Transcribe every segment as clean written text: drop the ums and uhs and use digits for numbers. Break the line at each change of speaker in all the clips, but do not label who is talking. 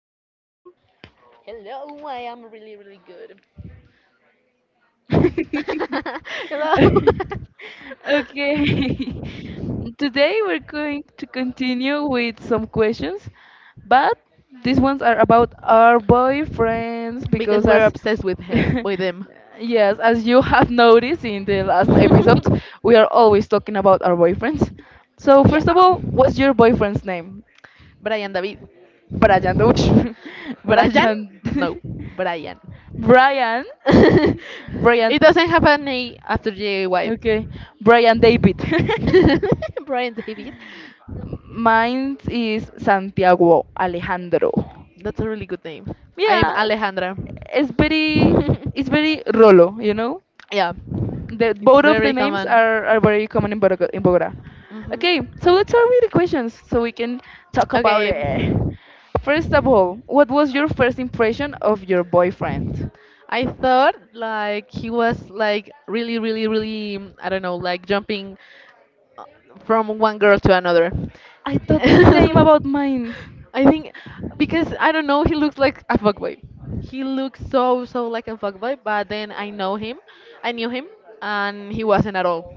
you, Valeria?
Hello, I am really, really good. Hello.
Okay. Today we're going to continue with some questions, but these ones are about our boyfriends
Because
because
we're
as
obsessed with him, with him.
yes, as you have noticed in the last episodes, we are always talking about our boyfriends. So
Yeah.
first of all, what's your boyfriend's name?
Brian David.
Brian, ouch,
Brian?
Brian,
No, Brian.
Brian, Brian,
It doesn't have an A after J Y.
okay, Brian David.
Brian David.
Mine is Santiago Alejandro.
That's a really good name. I am
Yeah,
Alejandra.
it's very, it's very Rolo, you know?
Yeah, it's
Both of the
very
names
common.
are very common in Bogota, in Bogota. Okay,
Hmm.
so let's start with the questions so we can talk about
Okay,
it. First of all, what was your first impression of your boyfriend?
I thought like he was like really, really, really, I don't know, like jumping uh, from one girl to another.
I thought the same about mine.
I think because I don't know, he looks like a fuckboy. He looks so like a fuckboy, but then I know him, I knew him, and he wasn't at all.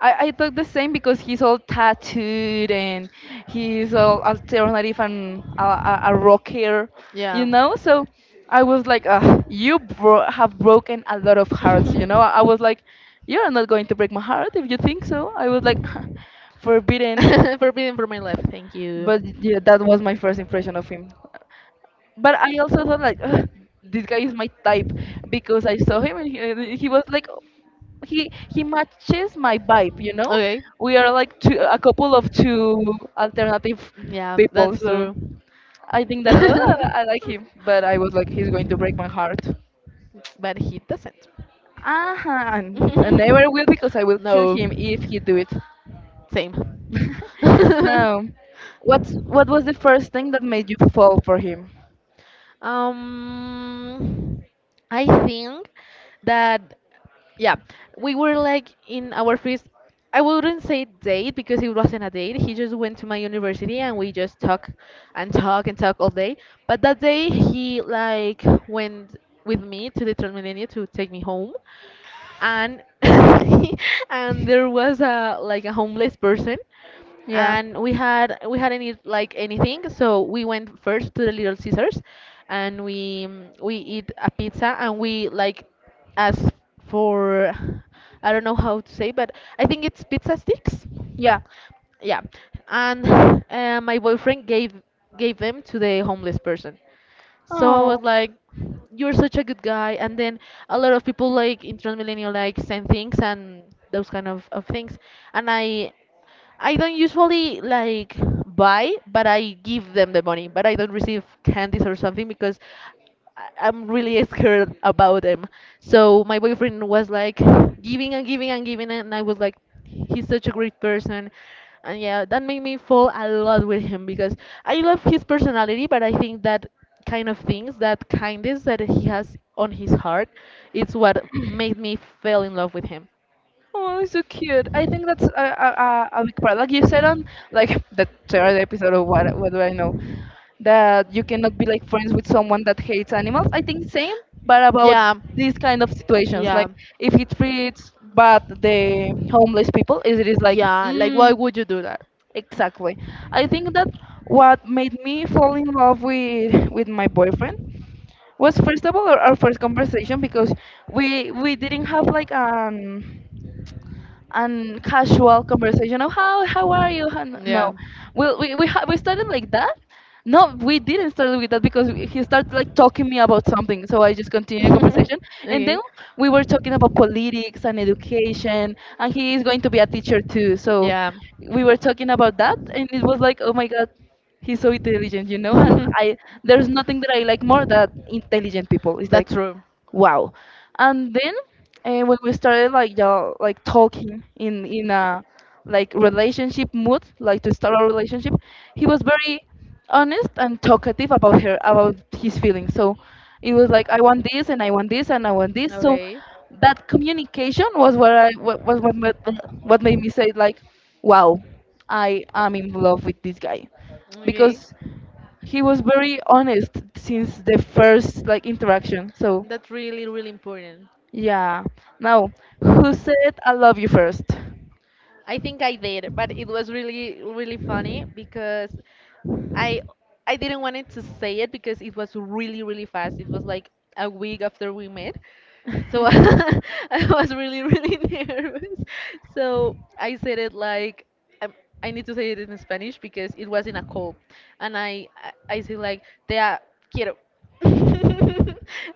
I thought the same because he's all tattooed and he's all alternative and a rocker, you
Yeah.
know? So I was like, ugh, you have broken a lot of hearts, you know? I was like, you're not going to break my heart if you think so. I was like, forbidden.
Forbidden for my life, thank you.
But yeah, that was my first impression of him. But I also thought like, ugh, this guy is my type because I saw him and he was like he matches my vibe, you know.
Okay.
We are like two, a couple of two alternative
Yeah,
people,
that's
so
true.
I think that, oh, I like him, but I was like, he's going to break my heart.
But he doesn't.
Ah, and I never will because I will kill
No.
him if he do it.
Same.
No, what was the first thing that made you fall for him?
Um, I think that yeah, we were like in our first. I wouldn't say date because it wasn't a date. He just went to my university and we just talk and talk and talk all day. But that day he like went with me to the Transmilenio to take me home, and and there was a homeless person,
Yeah,
and we hadn't eat like anything, so we went first to the Little Caesars, and we eat a pizza and we like ask for I don't know how to say, but I think it's pizza sticks.
yeah.
Yeah. And my boyfriend gave them to the homeless person, so I was
Oh.
like, "You're such a good guy," and then a lot of people like in Transmillennial like send things and those kind of things, and I don't usually like buy, but I give them the money. But I don't receive candies or something because I'm really scared about them. So my boyfriend was like giving and giving and giving, and I was like, he's such a great person. And yeah, that made me fall a lot with him because I love his personality, but I think that kind of things, that kindness that he has on his heart, it's what made me fell in love with him.
Oh, so cute. I think that's a big part. Like you said on like the third episode of what do I know, that you cannot be like friends with someone that hates animals. I think same, but about
Yeah.
these kind of situations,
Yeah.
like if it treats bad the homeless people, is it, is like,
Yeah. Like, why
mm,
would you do that?
exactly. I think that what made me fall in love with my boyfriend was first of all our first conversation because we didn't have like an and casual conversation of how are you?
Yeah.
No, well we started like that. No, we didn't start with that because he started like talking me about something, so I just continued the conversation, and then
Okay.
we were talking about politics and education, and he is going to be a teacher too, so
Yeah.
we were talking about that, and it was like, oh my god, he's so intelligent, you know, and I, there's nothing that I like more than intelligent people. It's like,
That's true.
wow. And then when we started like, yeah, like talking in a like relationship mood, like to start a relationship, he was very honest and talkative about her about his feelings, so it was like, I want this and I want this and I want this, so
Okay.
that communication was what I what made me say like, wow, I am in love with this guy,
Okay.
because he was very honest since the first like interaction. So
That's really, really important.
yeah. Now, who said I love you first?
I think I did, but it was really, really funny because I I didn't want to say it because it was really, really fast. It was like a week after we met. So I was really, really nervous. So I said it like um, I need to say it in Spanish because it was in a call, and I say like te quiero,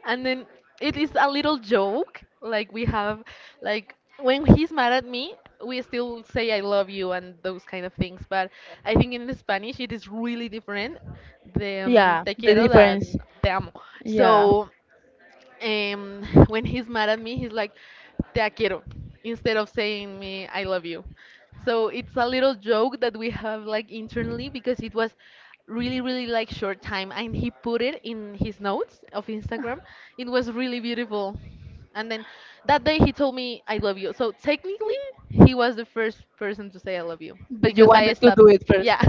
and then it is a little joke. Like we have like when he's mad at me, we still say I love you and those kind of things. But I think in Spanish it is really different. The
Yeah,
te
the
quiero
difference.
than te amo.
Yeah.
So um, when he's mad at me, he's like, te quiero, instead of saying me, I love you. So it's a little joke that we have like internally because it was really, really like short time and he put it in his notes of Instagram. It was really beautiful. And then that day he told me, I love you. So technically, he was the first person to say I love you
But you
because I
wanted to do
stopped.
it first.
Yeah.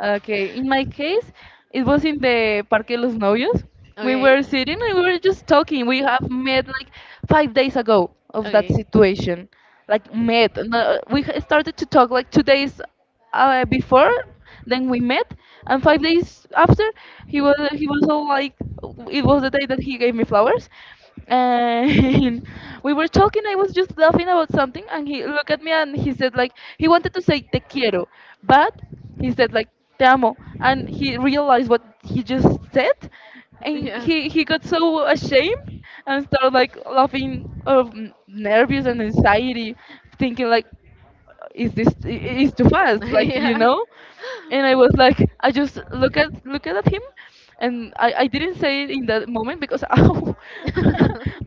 Okay, in my case, it was in the Parque Los Novios. We
Okay.
were sitting and we were just talking. We have met like 5 days ago of that
Okay.
situation. Like met. No, started to talk like 2 days before, then we met, and 5 days after he was all like, it was the day that he gave me flowers and we were talking, I was just laughing about something, and he looked at me and he said like, he wanted to say te quiero, but he said like te amo, and he realized what he just said, and he got so ashamed and started like laughing of nervous and anxiety, thinking like, is this is too fast, like, you know? And I was like, I just look at him, and I didn't say it in that moment because ow,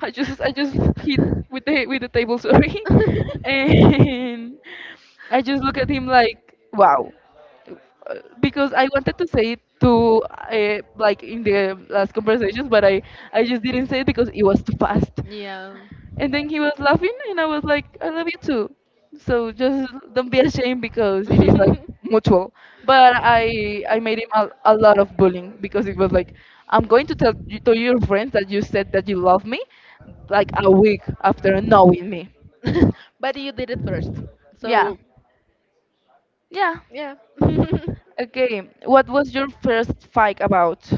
I just hit with the table, sorry. And I just look at him like, wow. Because I wanted to say it to like in the last conversations, but I just didn't say it because it was too fast.
Yeah.
And then he was laughing, and I was like, I love you too. So just don't be ashamed because it is like mutual. But I made him a lot of bullying because it was like, I'm going to tell you, to your friends, that you said that you love me, like a week after knowing me.
did it first. Yeah.
Yeah,
So,
yeah.
yeah.
Okay, what
Okay.
was your first fight about?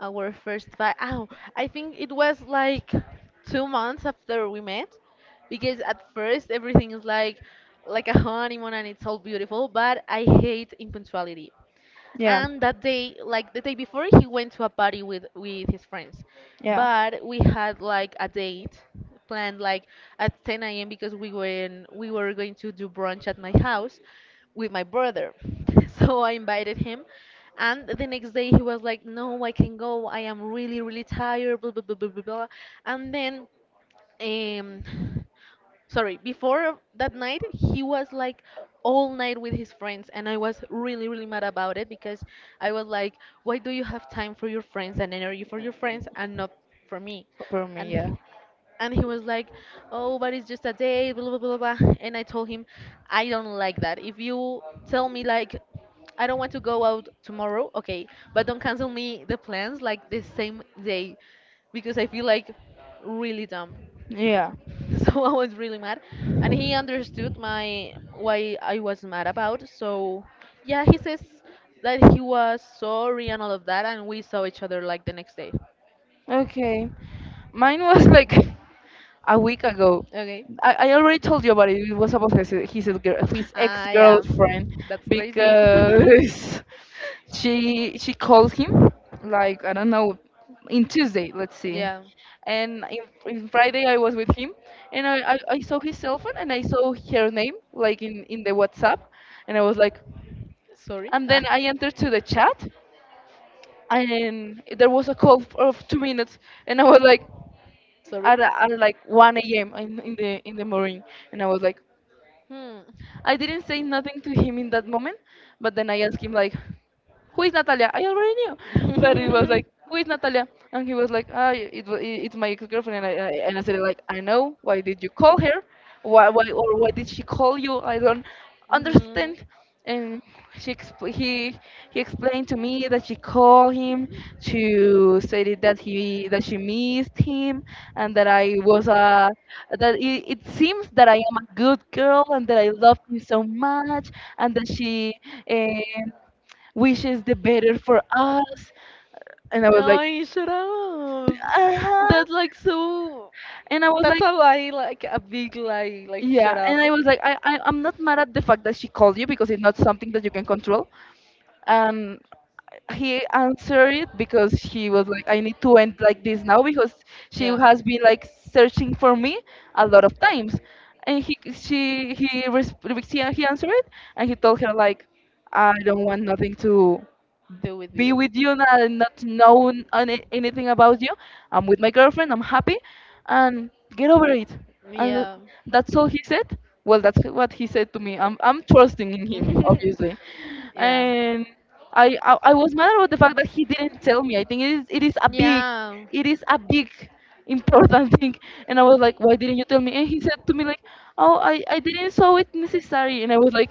Our first fight. Oh, I think it was like 2 months after we met, because at first everything is like a honeymoon and it's all beautiful, but I hate impunctuality.
Yeah,
And that day like the day before he went to a party with his friends,
yeah.
but we had like a date planned like at 10 a.m. because we were going to do brunch at my house with my brother. So I invited him, and the next day he was like, no, I can go, I am really really tired, blah blah blah blah blah, blah. And then um sorry, before that night he was like all night with his friends, and I was really really mad about it because I was like, why do you have time for your friends and energy for your friends and not for me?
For me,
and
yeah,
he, and he was like, oh, but it's just a day, blah blah blah blah blah. And I told him, I don't like that. If you tell me like, I don't want to go out tomorrow, okay, but don't cancel me the plans like the same day, because I feel like really dumb.
yeah.
So I was really mad, and he understood my why I was mad about. So yeah, he says that he was sorry and all of that, and we saw each other like the next day.
Okay. Mine was like a week ago.
Okay.
I already told you about it. It was about his his ex
Ah yeah,
girlfriend,
that's crazy.
because she called him like, I don't know, in Tuesday. Let's see.
Yeah,
And in Friday I was with him, and I saw his cell phone and I saw her name like in the WhatsApp, and I was like,
sorry.
and
Ah,
then I entered to the chat and there was of 2 minutes, and I was like,
sorry.
at like 1 a.m. In the morning, and I was like,
Hmm.
I didn't say nothing to him in that moment, but then I asked him like, who is Natalia? I already knew, but it was like, who is Natalia? And he was like, ah, it's my ex-girlfriend. And I and I said like, I know. Why did you call her? Why or why did she call you? I don't understand. And she expl- he explained to me that she called him to say that that he that she missed him, and that I was a, that it seems that I am a good girl and that I love him so much, and that she, eh, wishes the better for us. And I was like,
Ay, shut up.
uh huh.
That's like so.
And I was
Know.
like,
A lie, like a big lie.
yeah. And I was like, I, I'm not mad at the fact that she called you because it's not something that you can control. And he answered it because he was like, I need to end like this now, because she has been like searching for me a lot of times. And he answered it, and he told her like, I don't want nothing to
Don't do with.
be with you, and I not know any, anything about you. I'm with my girlfriend. I'm happy, and get over it. And
Yeah.
that's all he said. Well, that's what he said to me. I'm trusting in him, obviously,
Yeah. Yeah.
and I was mad about the fact that he didn't tell me. I think it is, it is a big, it is a big important thing. And I was like, why didn't you tell me? And he said to me like, oh, I didn't saw it necessary. And I was like,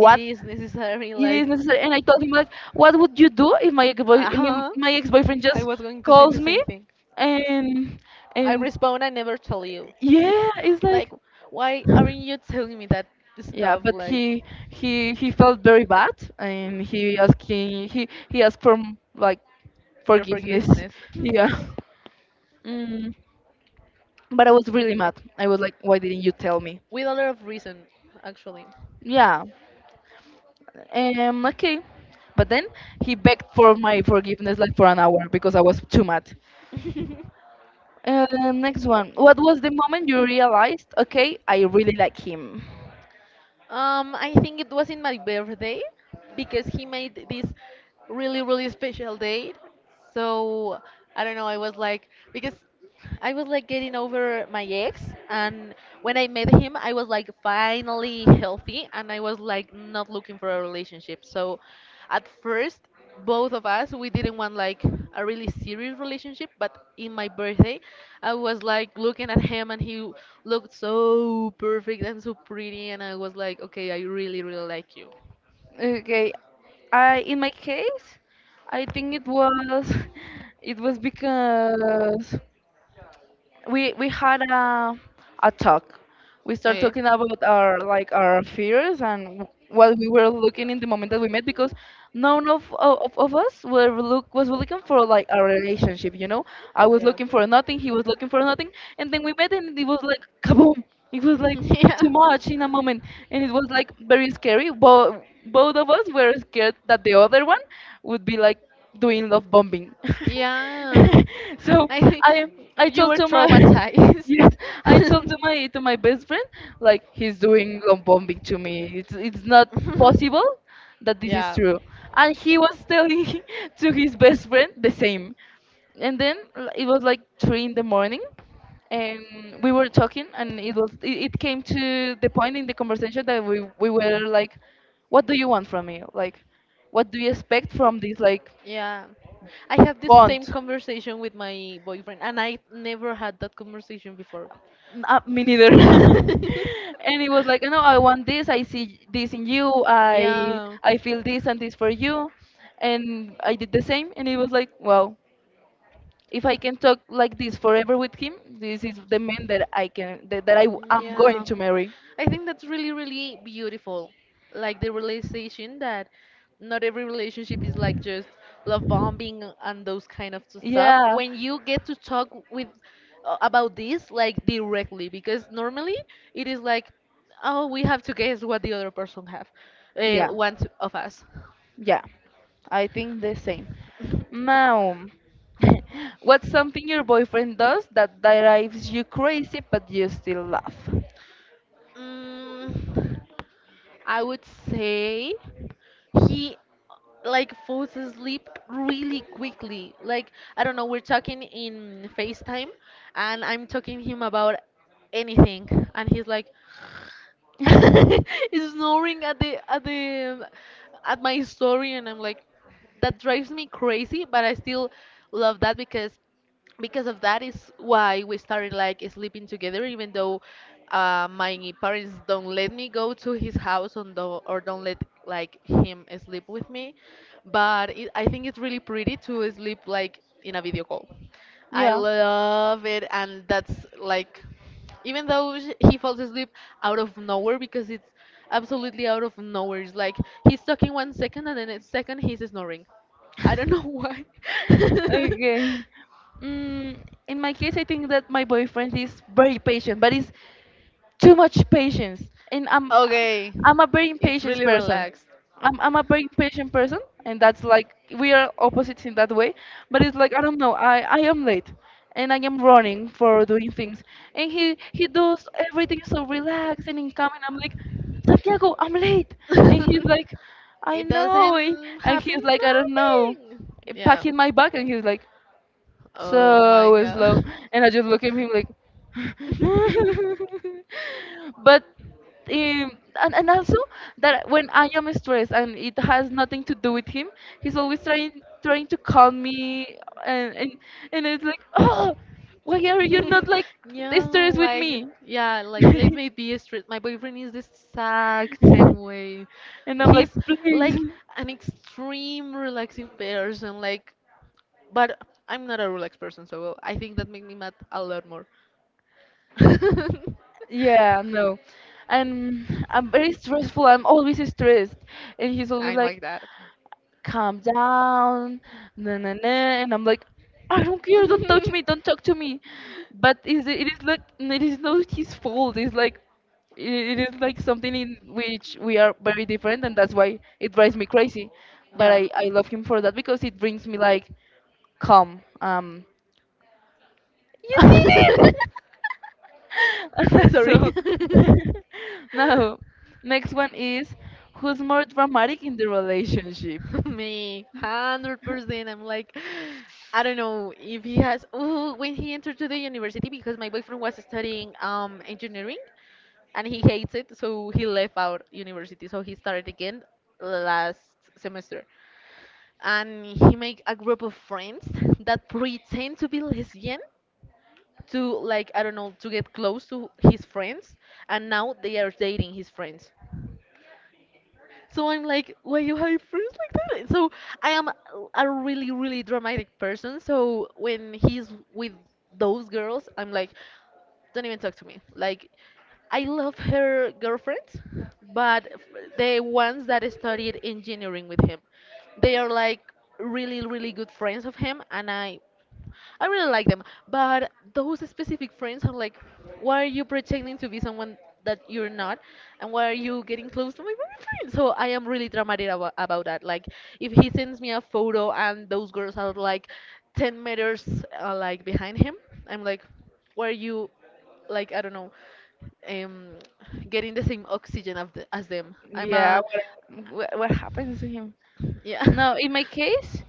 It is necessary,
It is
like.
necessary. And I told him like, what would you do if
Uh huh.
my ex boyfriend
I
just
was going to say the
calls me,
same thing.
and
I
and
respond, I never tell you.
yeah, it's
Like,
like,
why aren't you telling me that
yeah.
stuff?
But
Like,
he he felt very bad, and he he asked for like
your
forgiveness.
forgiveness.
Yeah. Mm. But I was really mad. I was like, why didn't you tell me?
With a lot of reason, actually.
Yeah. Okay. But then he begged for my forgiveness like for an hour because I was too mad. Uh, next one. What was the moment you realized, okay, I really like him?
I think it was in my birthday because he made this really, really special date. So I don't know, I was like, because I was like getting over my ex, and when I met him, I was like finally healthy and I was like not looking for a relationship. So at first, both of us we didn't want like a really serious relationship, but in my birthday I was like looking at him and he looked so perfect and so pretty, and I was like, okay, I really really like you.
Okay, I, in my case, I think it was it was because we had a talk. We started
Okay.
talking about our like our fears and what we were looking in the moment that we met, because none of us were look was looking for like a relationship. You know, I was
Yeah.
looking for nothing. He was looking for nothing, and then we met, and it was like kaboom! It was like
Yeah.
too much in a moment, and it was like very scary. But both of us were scared that the other one would be like doing love bombing.
Yeah.
So
I think
I I
you
told
were
to my
traumatized.
yes, I told to my best friend, like, he's doing love bombing to me. It's not possible that this is true. And he was telling to his best friend the same. And then it was like three in the morning, and we were talking, and it was, it came to the point in the conversation that we were like, what do you want from me?
Yeah.
Like, what do you expect from this, like,
Yeah. I have this
bond?
same conversation with my boyfriend, and I never had that conversation before.
Me neither. And it was like, no, I want this. I see this in you. I
Yeah.
I feel this and this for you. And I did the same. And it was like, wow, if I can talk like this forever with him, this is the man that I am going
Yeah.
to marry.
I think that's really, really beautiful. Like the realization that not every relationship is like just love bombing and those kind of stuff.
Yeah,
When you get to talk with about this like directly, because normally it is like, oh, we have to guess what the other person have,
yeah,
one to- of us.
yeah. I think the same. Now, what's something your boyfriend does that drives you crazy but you still laugh?
Mm. I would say he like falls asleep really quickly. Like I don't know, we're talking in FaceTime and I'm talking him about anything and he's like is snoring at my story and I'm like that drives me crazy but I still love that because of that is why we started like sleeping together even though my parents don't let me go to his house or don't let like him sleep with me, but it, I think it's really pretty to sleep like in a video call. I
Yeah.
love it, and that's like even though he falls asleep out of nowhere because it's absolutely out of nowhere. It's like he's talking one second and then next second he's snoring. I don't know why.
Okay. Mm, in my case, I think that my boyfriend is very patient, but it's too much patience, and i'm
Okay.
i'm a very
It's
impatient
really
person.
relaxed.
I'm a very impatient person, and that's like we are opposites in that way. But it's like, I don't know, I am late and I am running for doing things, and he does everything so relaxed and incoming, I'm like, Santiago, I'm late. And he's like, I
It
know,
doesn't
and he's
happens
like, I don't know,
nothing. Yeah.
packing my bag, and he's like
Oh my
so slow,
god.
and I just look at him like but um, and also that when I am stressed and it has nothing to do with him, he's always trying to calm me, and and, and it's like oh, why are you not like
No,
stressed with
like,
me?
yeah, like, let me be straight. My boyfriend is the exact same way.
And I'm like,
He's
please.
like an extreme relaxing person, like, but I'm not a relaxed person, so I think that made me mad a lot more.
Yeah, no. And I'm very stressful. I'm always stressed. And he's always
I'm,
like,
like that.
calm down. Na, na, na. And I'm like, I don't care. Don't touch me. Don't talk to me. But is it it is like it is not his fault. It's like it is like something in which we are very different, and that's why it drives me crazy. But
Yeah.
I love him for that because it brings me like calm. You did it.
Sorry.
So now next one is, who's more dramatic in the relationship?
Me, 100%. I'm like, I don't know if he has. Oh, when he entered to the university, because my boyfriend was studying engineering, and he hates it, so he left out university. So he started again last semester, and he make a group of friends that pretend to be lesbian to like I don't know to get close to his friends, and now they are dating his friends. So I'm like, why you have friends like that? So I am a really, really dramatic person. So when he's with those girls, I'm like, don't even talk to me. Like, I love her girlfriends, but the ones that studied engineering with him, they are like really, really good friends of him, and I really like them, but those specific friends are like, why are you pretending to be someone that you're not, and why are you getting close to my boyfriend? So I am really dramatic about that. Like, if he sends me a photo and those girls are like 10 meters like behind him, I'm like, why are you, like, I don't know, um, getting the same oxygen as them?
Yeah, what happens to him?
Yeah.
No, in my case,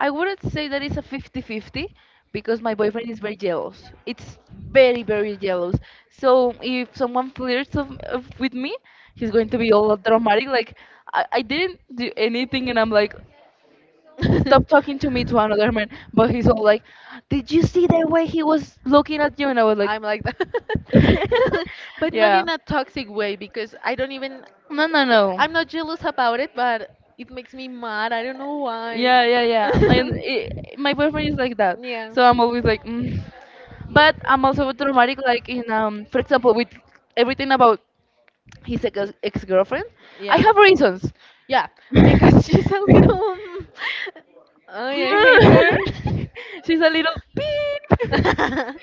I wouldn't say that it's a 50-50 because my boyfriend is very jealous. It's very very jealous. So if someone flirts with me, he's going to be all dramatic. Like, I didn't do anything, and I'm like, stop talking to me to another man. But he's all like, did you see the way he was looking at you? And I was like,
I'm like that. But not
yeah.
in a toxic way because I don't even no, no,
No,
no.
no, no.
I'm not jealous about it, but it makes me mad. I don't know why.
Yeah, yeah, yeah. I, i my boyfriend is like that.
Yeah.
So I'm always like, mm. But I'm also traumatic, like, in, for example, with everything about his ex-girlfriend. I
Yeah.
have reasons.
Yeah, because she's a little. Ay, I hate her.
Mm. She's a little beep.
she's like a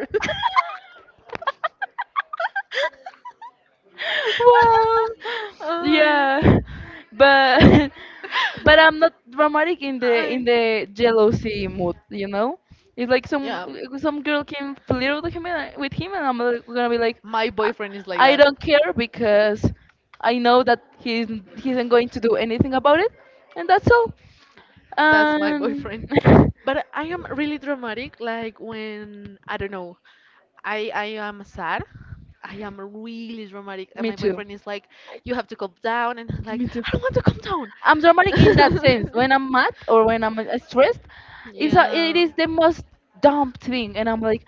little.
Well,
Ay.
yeah, but but I'm not dramatic in the in
Ay.
the jealousy mood, you know. It's like some
Yeah,
some girl can flirt with him and, with him, and I'm like gonna be like,
my
I
boyfriend is like
I
that.
don't care because I know that he isn't going to do anything about it, and that's all.
That's my
And
boyfriend. But I am really dramatic. Like when I don't know, I am sad. I am really dramatic, and
me
my
too,
boyfriend is like, "You have to calm down," and I'm like,
me too.
"I don't want to calm down."
I'm dramatic in that sense. When I'm mad or when I'm stressed, it
Yeah.
is the most dumb thing, and I'm like,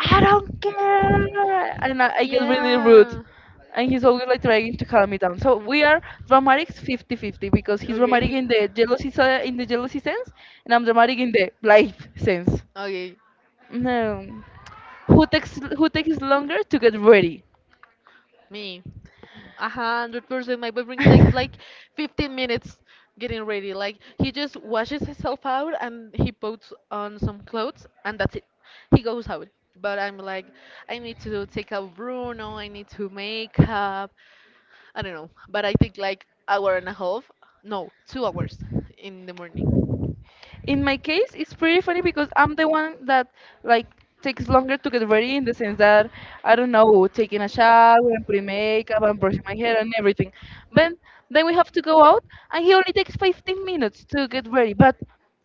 I don't care, and I get really rude.
Yeah.
And he's always like trying to calm me down. So we are dramatic 50-50 because he's dramatic
Okay.
in in the jealousy sense, and I'm dramatic in the life sense.
Okay.
No, who takes longer to get ready?
Me, 100%. My boyfriend takes like 15 minutes getting ready. Like he just washes himself out and he puts on some clothes and that's it. He goes out. But I'm like, I need to take out Bruno. I need to make up. I don't know. But I take like hour and a half. No, 2 hours in the morning.
In my case, it's pretty funny because I'm the one that, like, takes longer to get ready in the sense that, I don't know, taking a shower and putting makeup and brushing my hair and everything. But then we have to go out, and he only takes 15 minutes to get ready, but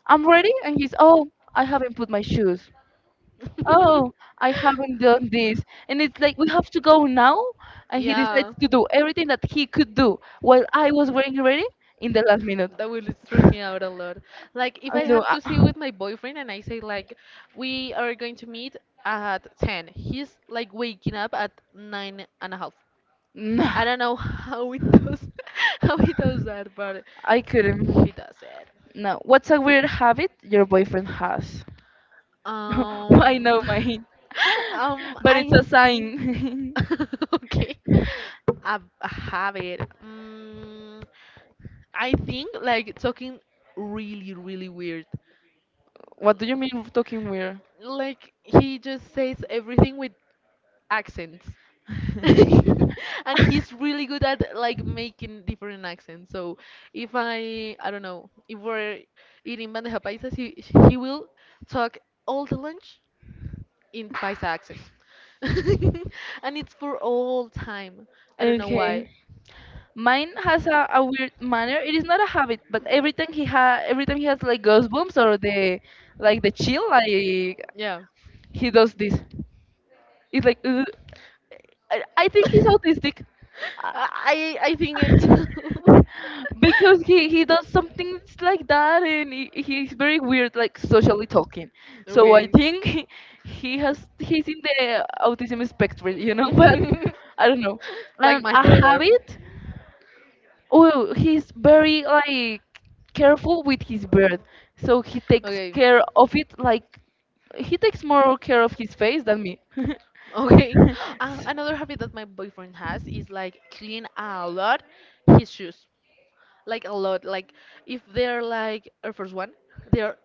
I'm ready and he's, oh, I haven't put my shoes, oh, I haven't done this. And it's like, we have to go now, and he
yeah.
decides to do everything that he could do while I was getting ready in the last minute.
That will stress me out a lot. Like if
I
I
know.
have to see with my boyfriend and I say like we are going to meet at 10. He's like waking up at nine and a half.
No,
I don't know how it does how he does that, but
I couldn't.
he does it.
No. What's a weird habit your boyfriend has? I
Um
know mine. But
I
it's a
think
sign.
okay. A habit. Mm, I think like talking really really weird.
What do you mean talking weird?
Like he just says everything with accents. and he's really good at like making different accents. So if I don't know, if we're eating bandeja paisas, he will talk all the lunch in paisa accent. and it's for all time. I don't know
Okay.
why.
Mine has a weird manner. It is not a habit, but every time he has like ghost booms or the, like the chill, like, he
Yeah.
does this. It's like, ugh. I think he's autistic,
I think it.
because he does something like that, and he's very weird, like, socially talking. So I
Okay.
think he's in the autism spectrum, you know. But I don't know.
like
And
my
a
brother.
habit, oh, he's very, like, careful with his bird, so he takes
Okay.
care of it like, he takes more care of his face than me.
Okay. Another habit that my boyfriend has is like clean a lot his shoes. Like a lot. Like if they're like our first one, they're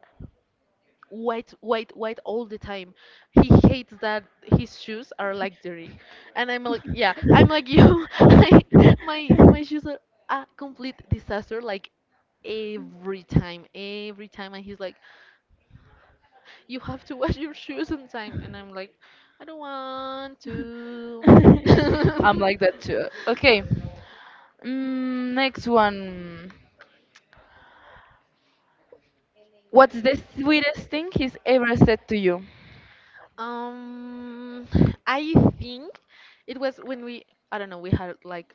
white, white, white all the time. He hates that his shoes are like dirty, and I'm like, yeah, I'm like you. I, my my shoes are a complete disaster, like every time, and he's like, you have to wash your shoes on time, and I'm like, I don't want to.
I'm like that too. Okay. Mm, next one. What's the sweetest thing he's ever said to you?
Um, I think it was when we, I don't know, we had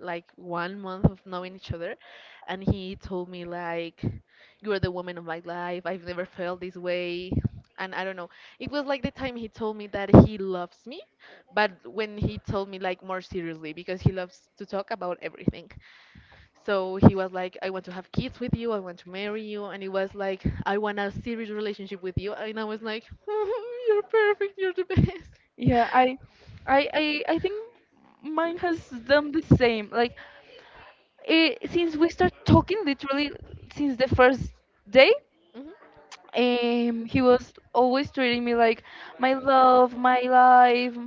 like 1 month of knowing each other and he told me like you are the woman of my life. I've never felt this way, and I don't know, it was like the time he told me that he loves me, but when he told me like more seriously because he loves to talk about everything. So he was like I want to have kids with you, I want to marry you, and it was like I want a serious relationship with you, and I was like you're perfect, you're the best.
Yeah, I think mine has done the same. Like, since we start talking, literally since the first day,
Hmm.
he was always treating me like my love, my life,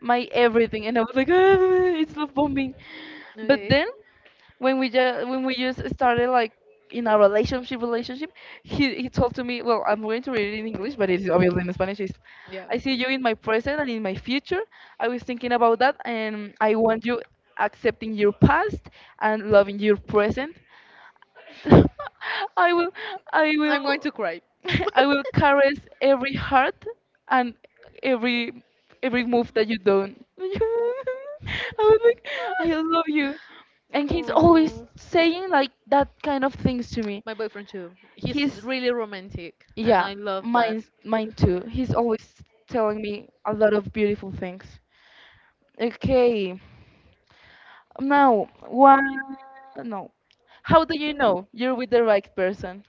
my everything, and I was like, ah, it's love bombing. But
Okay.
then when we just started like in a relationship relationship, he told to me, well, I'm going to read it in English, but it's obviously in Spanish. Is,
Yeah.
I see you in my present and in my future. I was thinking about that, and I want you accepting your past and loving your present. I will, I will,
Am going to cry.
I will caress every heart and every every move that you don't. I was like, I love you, and he's always
Oh,
saying like that kind of things to me.
my boyfriend too. He's
He's
really romantic, and
Yeah,
I love that.
mine too. He's always telling me a lot of beautiful things. Okay, now one, no, how do you know you're with the right person?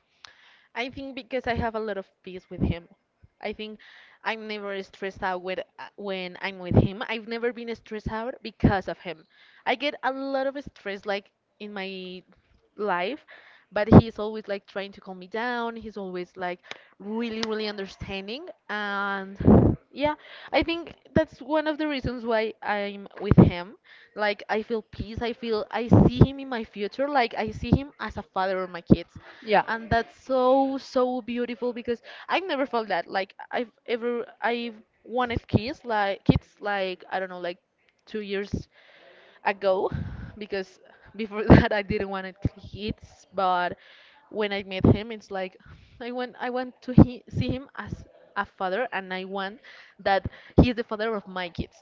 I think because I have a lot of peace with him. I think I'm never stressed out with, when I'm with him. I've never been stressed out because of him. I get a lot of stress like in my life, but he's always like trying to calm me down. He's always like really, really understanding. And yeah, I think that's one of the reasons why I'm with him. Like I feel peace. I feel I see him in my future. Like I see him as a father of my kids,
Yeah.
and that's so so beautiful because I've never felt that like I've ever I've wanted kids like I don't know like 2 years ago, because before that I didn't want it kids, but when I met him it's like I want to see him as a father and I want that he's the father of my kids.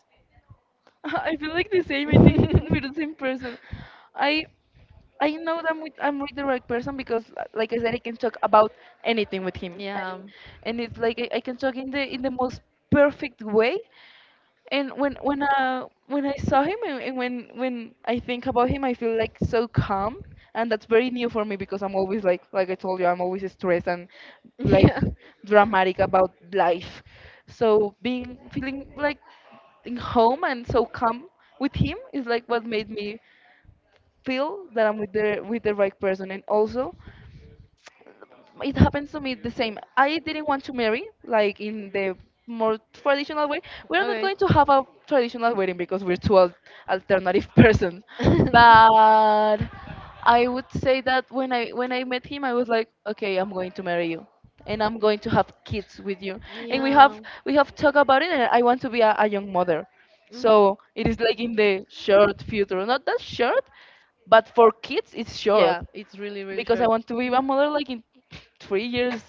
I feel like the same. I think we're the same person. I I know that I'm with the right person because, like I said, I can talk about anything with him,
Yeah.
and it's like I can talk in the most perfect way, and when I saw him, and when I think about him, I feel like so calm, and that's very new for me because I'm always like I told you, I'm always stressed and like
Yeah.
dramatic about life. So being feeling like in home and so calm with him is like what made me feel that I'm with the right person. And also, it happens to me the same. I didn't want to marry, like, in the more traditional way. We're not
Okay.
going to have a traditional wedding because we're two alternative persons. But I would say that when I met him, I was like, okay, I'm going to marry you, and I'm going to have kids with you. And
Yeah.
we have talked about it, and I want to be a young mother.
Mhm.
So it is like in the short future, not that short, but for kids it's short,
Yeah, it's really really
because I
short.
want to be a mother like in 3 years,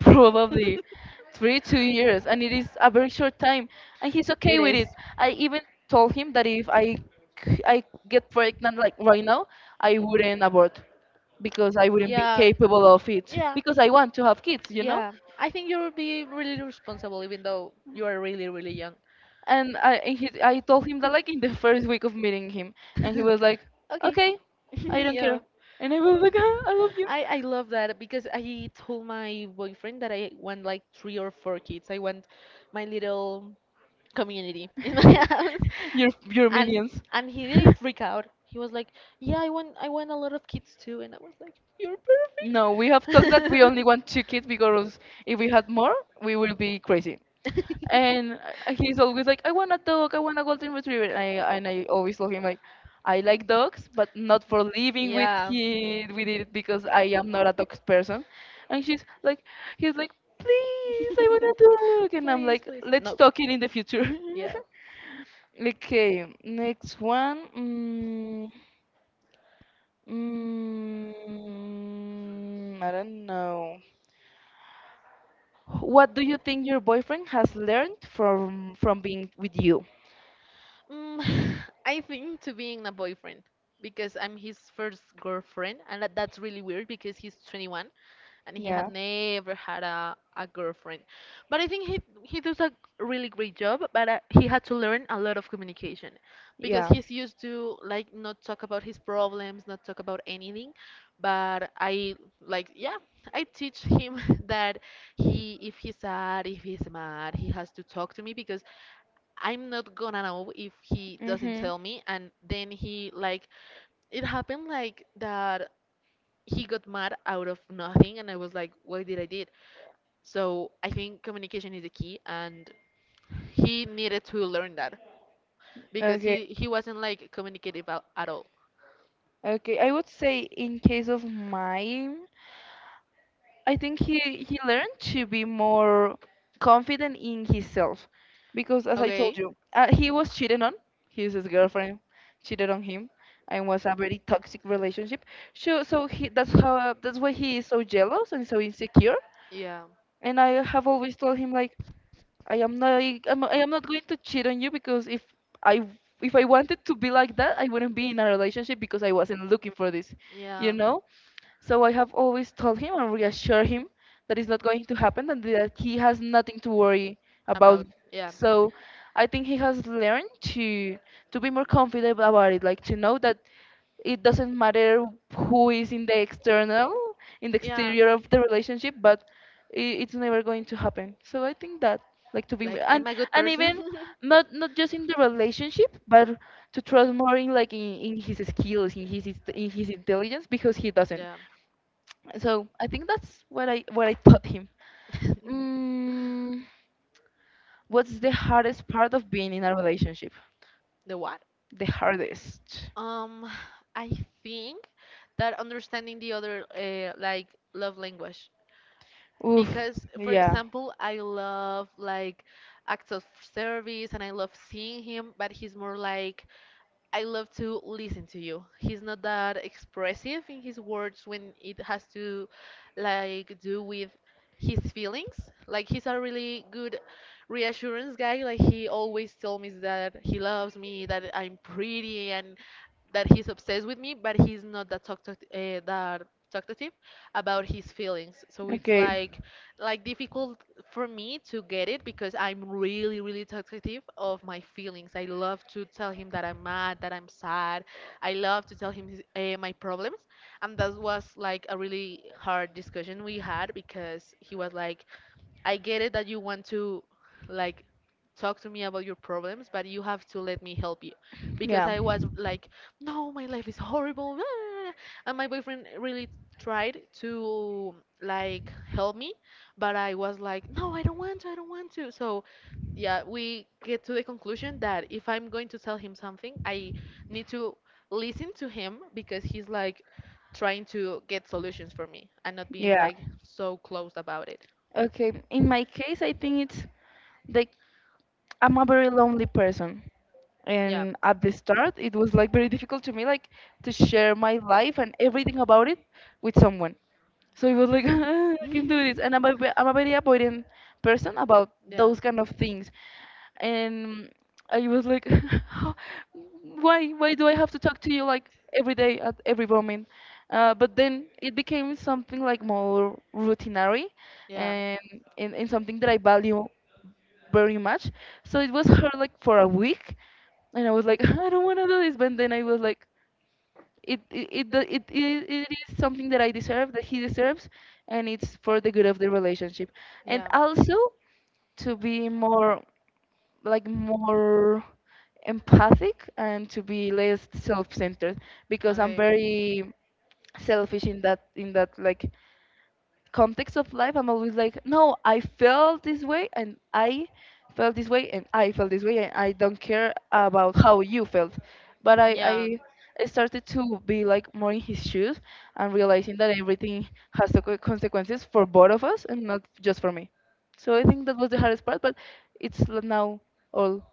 probably three, 2 years, and it is a very short time, and he's okay with it. I even told him that if I get pregnant like right now, I wouldn't abort because I wouldn't be
Yeah.
capable of it
Yeah.
because I want to have kids, you know.
Yeah. I think you'll be really responsible even though you are really really young.
And I and he, I told him that like in the first week of meeting him, and he was like, okay,
okay.
I don't care,
Yeah.
and I was like, I love you.
I love that because I told my boyfriend that I want like 3 or 4 kids. I want my little community in my house,
Your
and
minions.
and he didn't freak out. He was like yeah i want a lot of kids too, and I was like you're
No, we have
perfect.
talked that we only want two kids, because if we had more, we will be crazy. And he's always like, I want a dog, I want a golden retriever. And I always tell him like, I like dogs, but not for living
yeah.
with it because I am not a dog person. And he's like, please, I want a dog. And I'm
please
like, let's
no.
talk it in the future.
Yeah.
Okay, next one. Mm, mm, I don't know. What do you think your boyfriend has learned from being with you?
Mm, I think to being a boyfriend because I'm his first girlfriend, and that's really weird because he's 21 and he had
Yeah,
never had a girlfriend. But I think he does a really great job, but he had to learn a lot of communication because
yeah.
he's used to like not talk about his problems, not talk about anything. But I like yeah, I teach him that he if he's sad, if he's mad, he has to talk to me because I'm not gonna know if he doesn't
Mm-hmm.
tell me. And then he like it happened like that he got mad out of nothing and I was like, why did I did? So I think communication is the key and he needed to learn that because
Okay,
he wasn't like communicative at all.
okay. I would say in case of mine. I think he learned to be more confident in himself because, as I told
Okay?
you, he was cheated on. His girlfriend cheated on him, and was a very toxic relationship. So so he that's how that's why he is so jealous and so insecure.
Yeah.
And I have always told him like I am not I am not going to cheat on you because I if I wanted to be like that, I wouldn't be in a relationship because I wasn't looking for this, you
Yeah.
know. So I have always told him and reassured him that it's not going to happen and that he has nothing to worry about.
About yeah.
So I think he has learned to be more confident about it, like to know that it doesn't matter who is in the external, in the
Yeah.
exterior of the relationship, but it's never going to happen. So I think that, like, to be
Like I'm a good
and
person.
even not not just in the relationship, but to trust more in like in his skills, in his intelligence, because he doesn't.
Yeah.
So I think that's what I taught him. Mm, what's the hardest part of being in a relationship?
The what?
The hardest.
Um, I think that understanding the other like love language,
Oof.
because for
Yeah.
example, I love like acts of service and I love seeing him, but he's more like I love to listen to you. He's not that expressive in his words when it has to like do with his feelings. Like he's a really good reassurance guy. Like he always tells me that he loves me, that I'm pretty and that he's obsessed with me, but he's not that talk that talkative about his feelings. So it's
Okay.
like difficult for me to get it because I'm really really talkative of my feelings. I love to tell him that I'm mad, that I'm sad. I love to tell him his, my problems, and that was like a really hard discussion we had because he was like, I get it that you want to like talk to me about your problems, but you have to let me help you. Because
Yeah.
I was like, no, my life is horrible. And my boyfriend really tried to like help me, but I was like, no, I don't want to, I don't want to. So yeah, we get to the conclusion that if I'm going to tell him something, I need to listen to him because he's like trying to get solutions for me and not being
Yeah.
like so closed about it.
Okay. In my case, I think it's like, I'm a very lonely person.
Yeah.
And at the start, it was like very difficult to me, like to share my life and everything about it with someone. So it was like, I can do this. And I'm a, I'm a very avoidant person about
Yeah,
those kind of things. And I was like, how, why do I have to talk to you like every day at every moment? But then it became something like more routinary,
yeah,
and, and something that I value very much. So it was hard like for a week, and I was like, I don't want to do this. But then I was like, it do- it is something that I deserve, that he deserves, and it's for the good of the relationship. And
yeah.
also to be more empathic and to be less self-centered, because I'm
Okay.
very selfish in that, in that like context of life. I'm always like, no, I felt this way and I felt this way and I felt this way, and I don't care about how you felt. But
Yeah.
I started to be like more in his shoes and realizing that everything has the consequences for both of us and not just for me. So I think that was the hardest part, but it's now all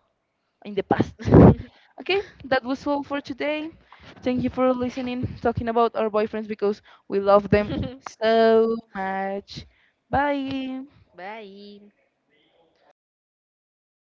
in the past. Okay, that was all for today. Thank you for listening, talking about our boyfriends, because we love them so much. Bye.
Bye.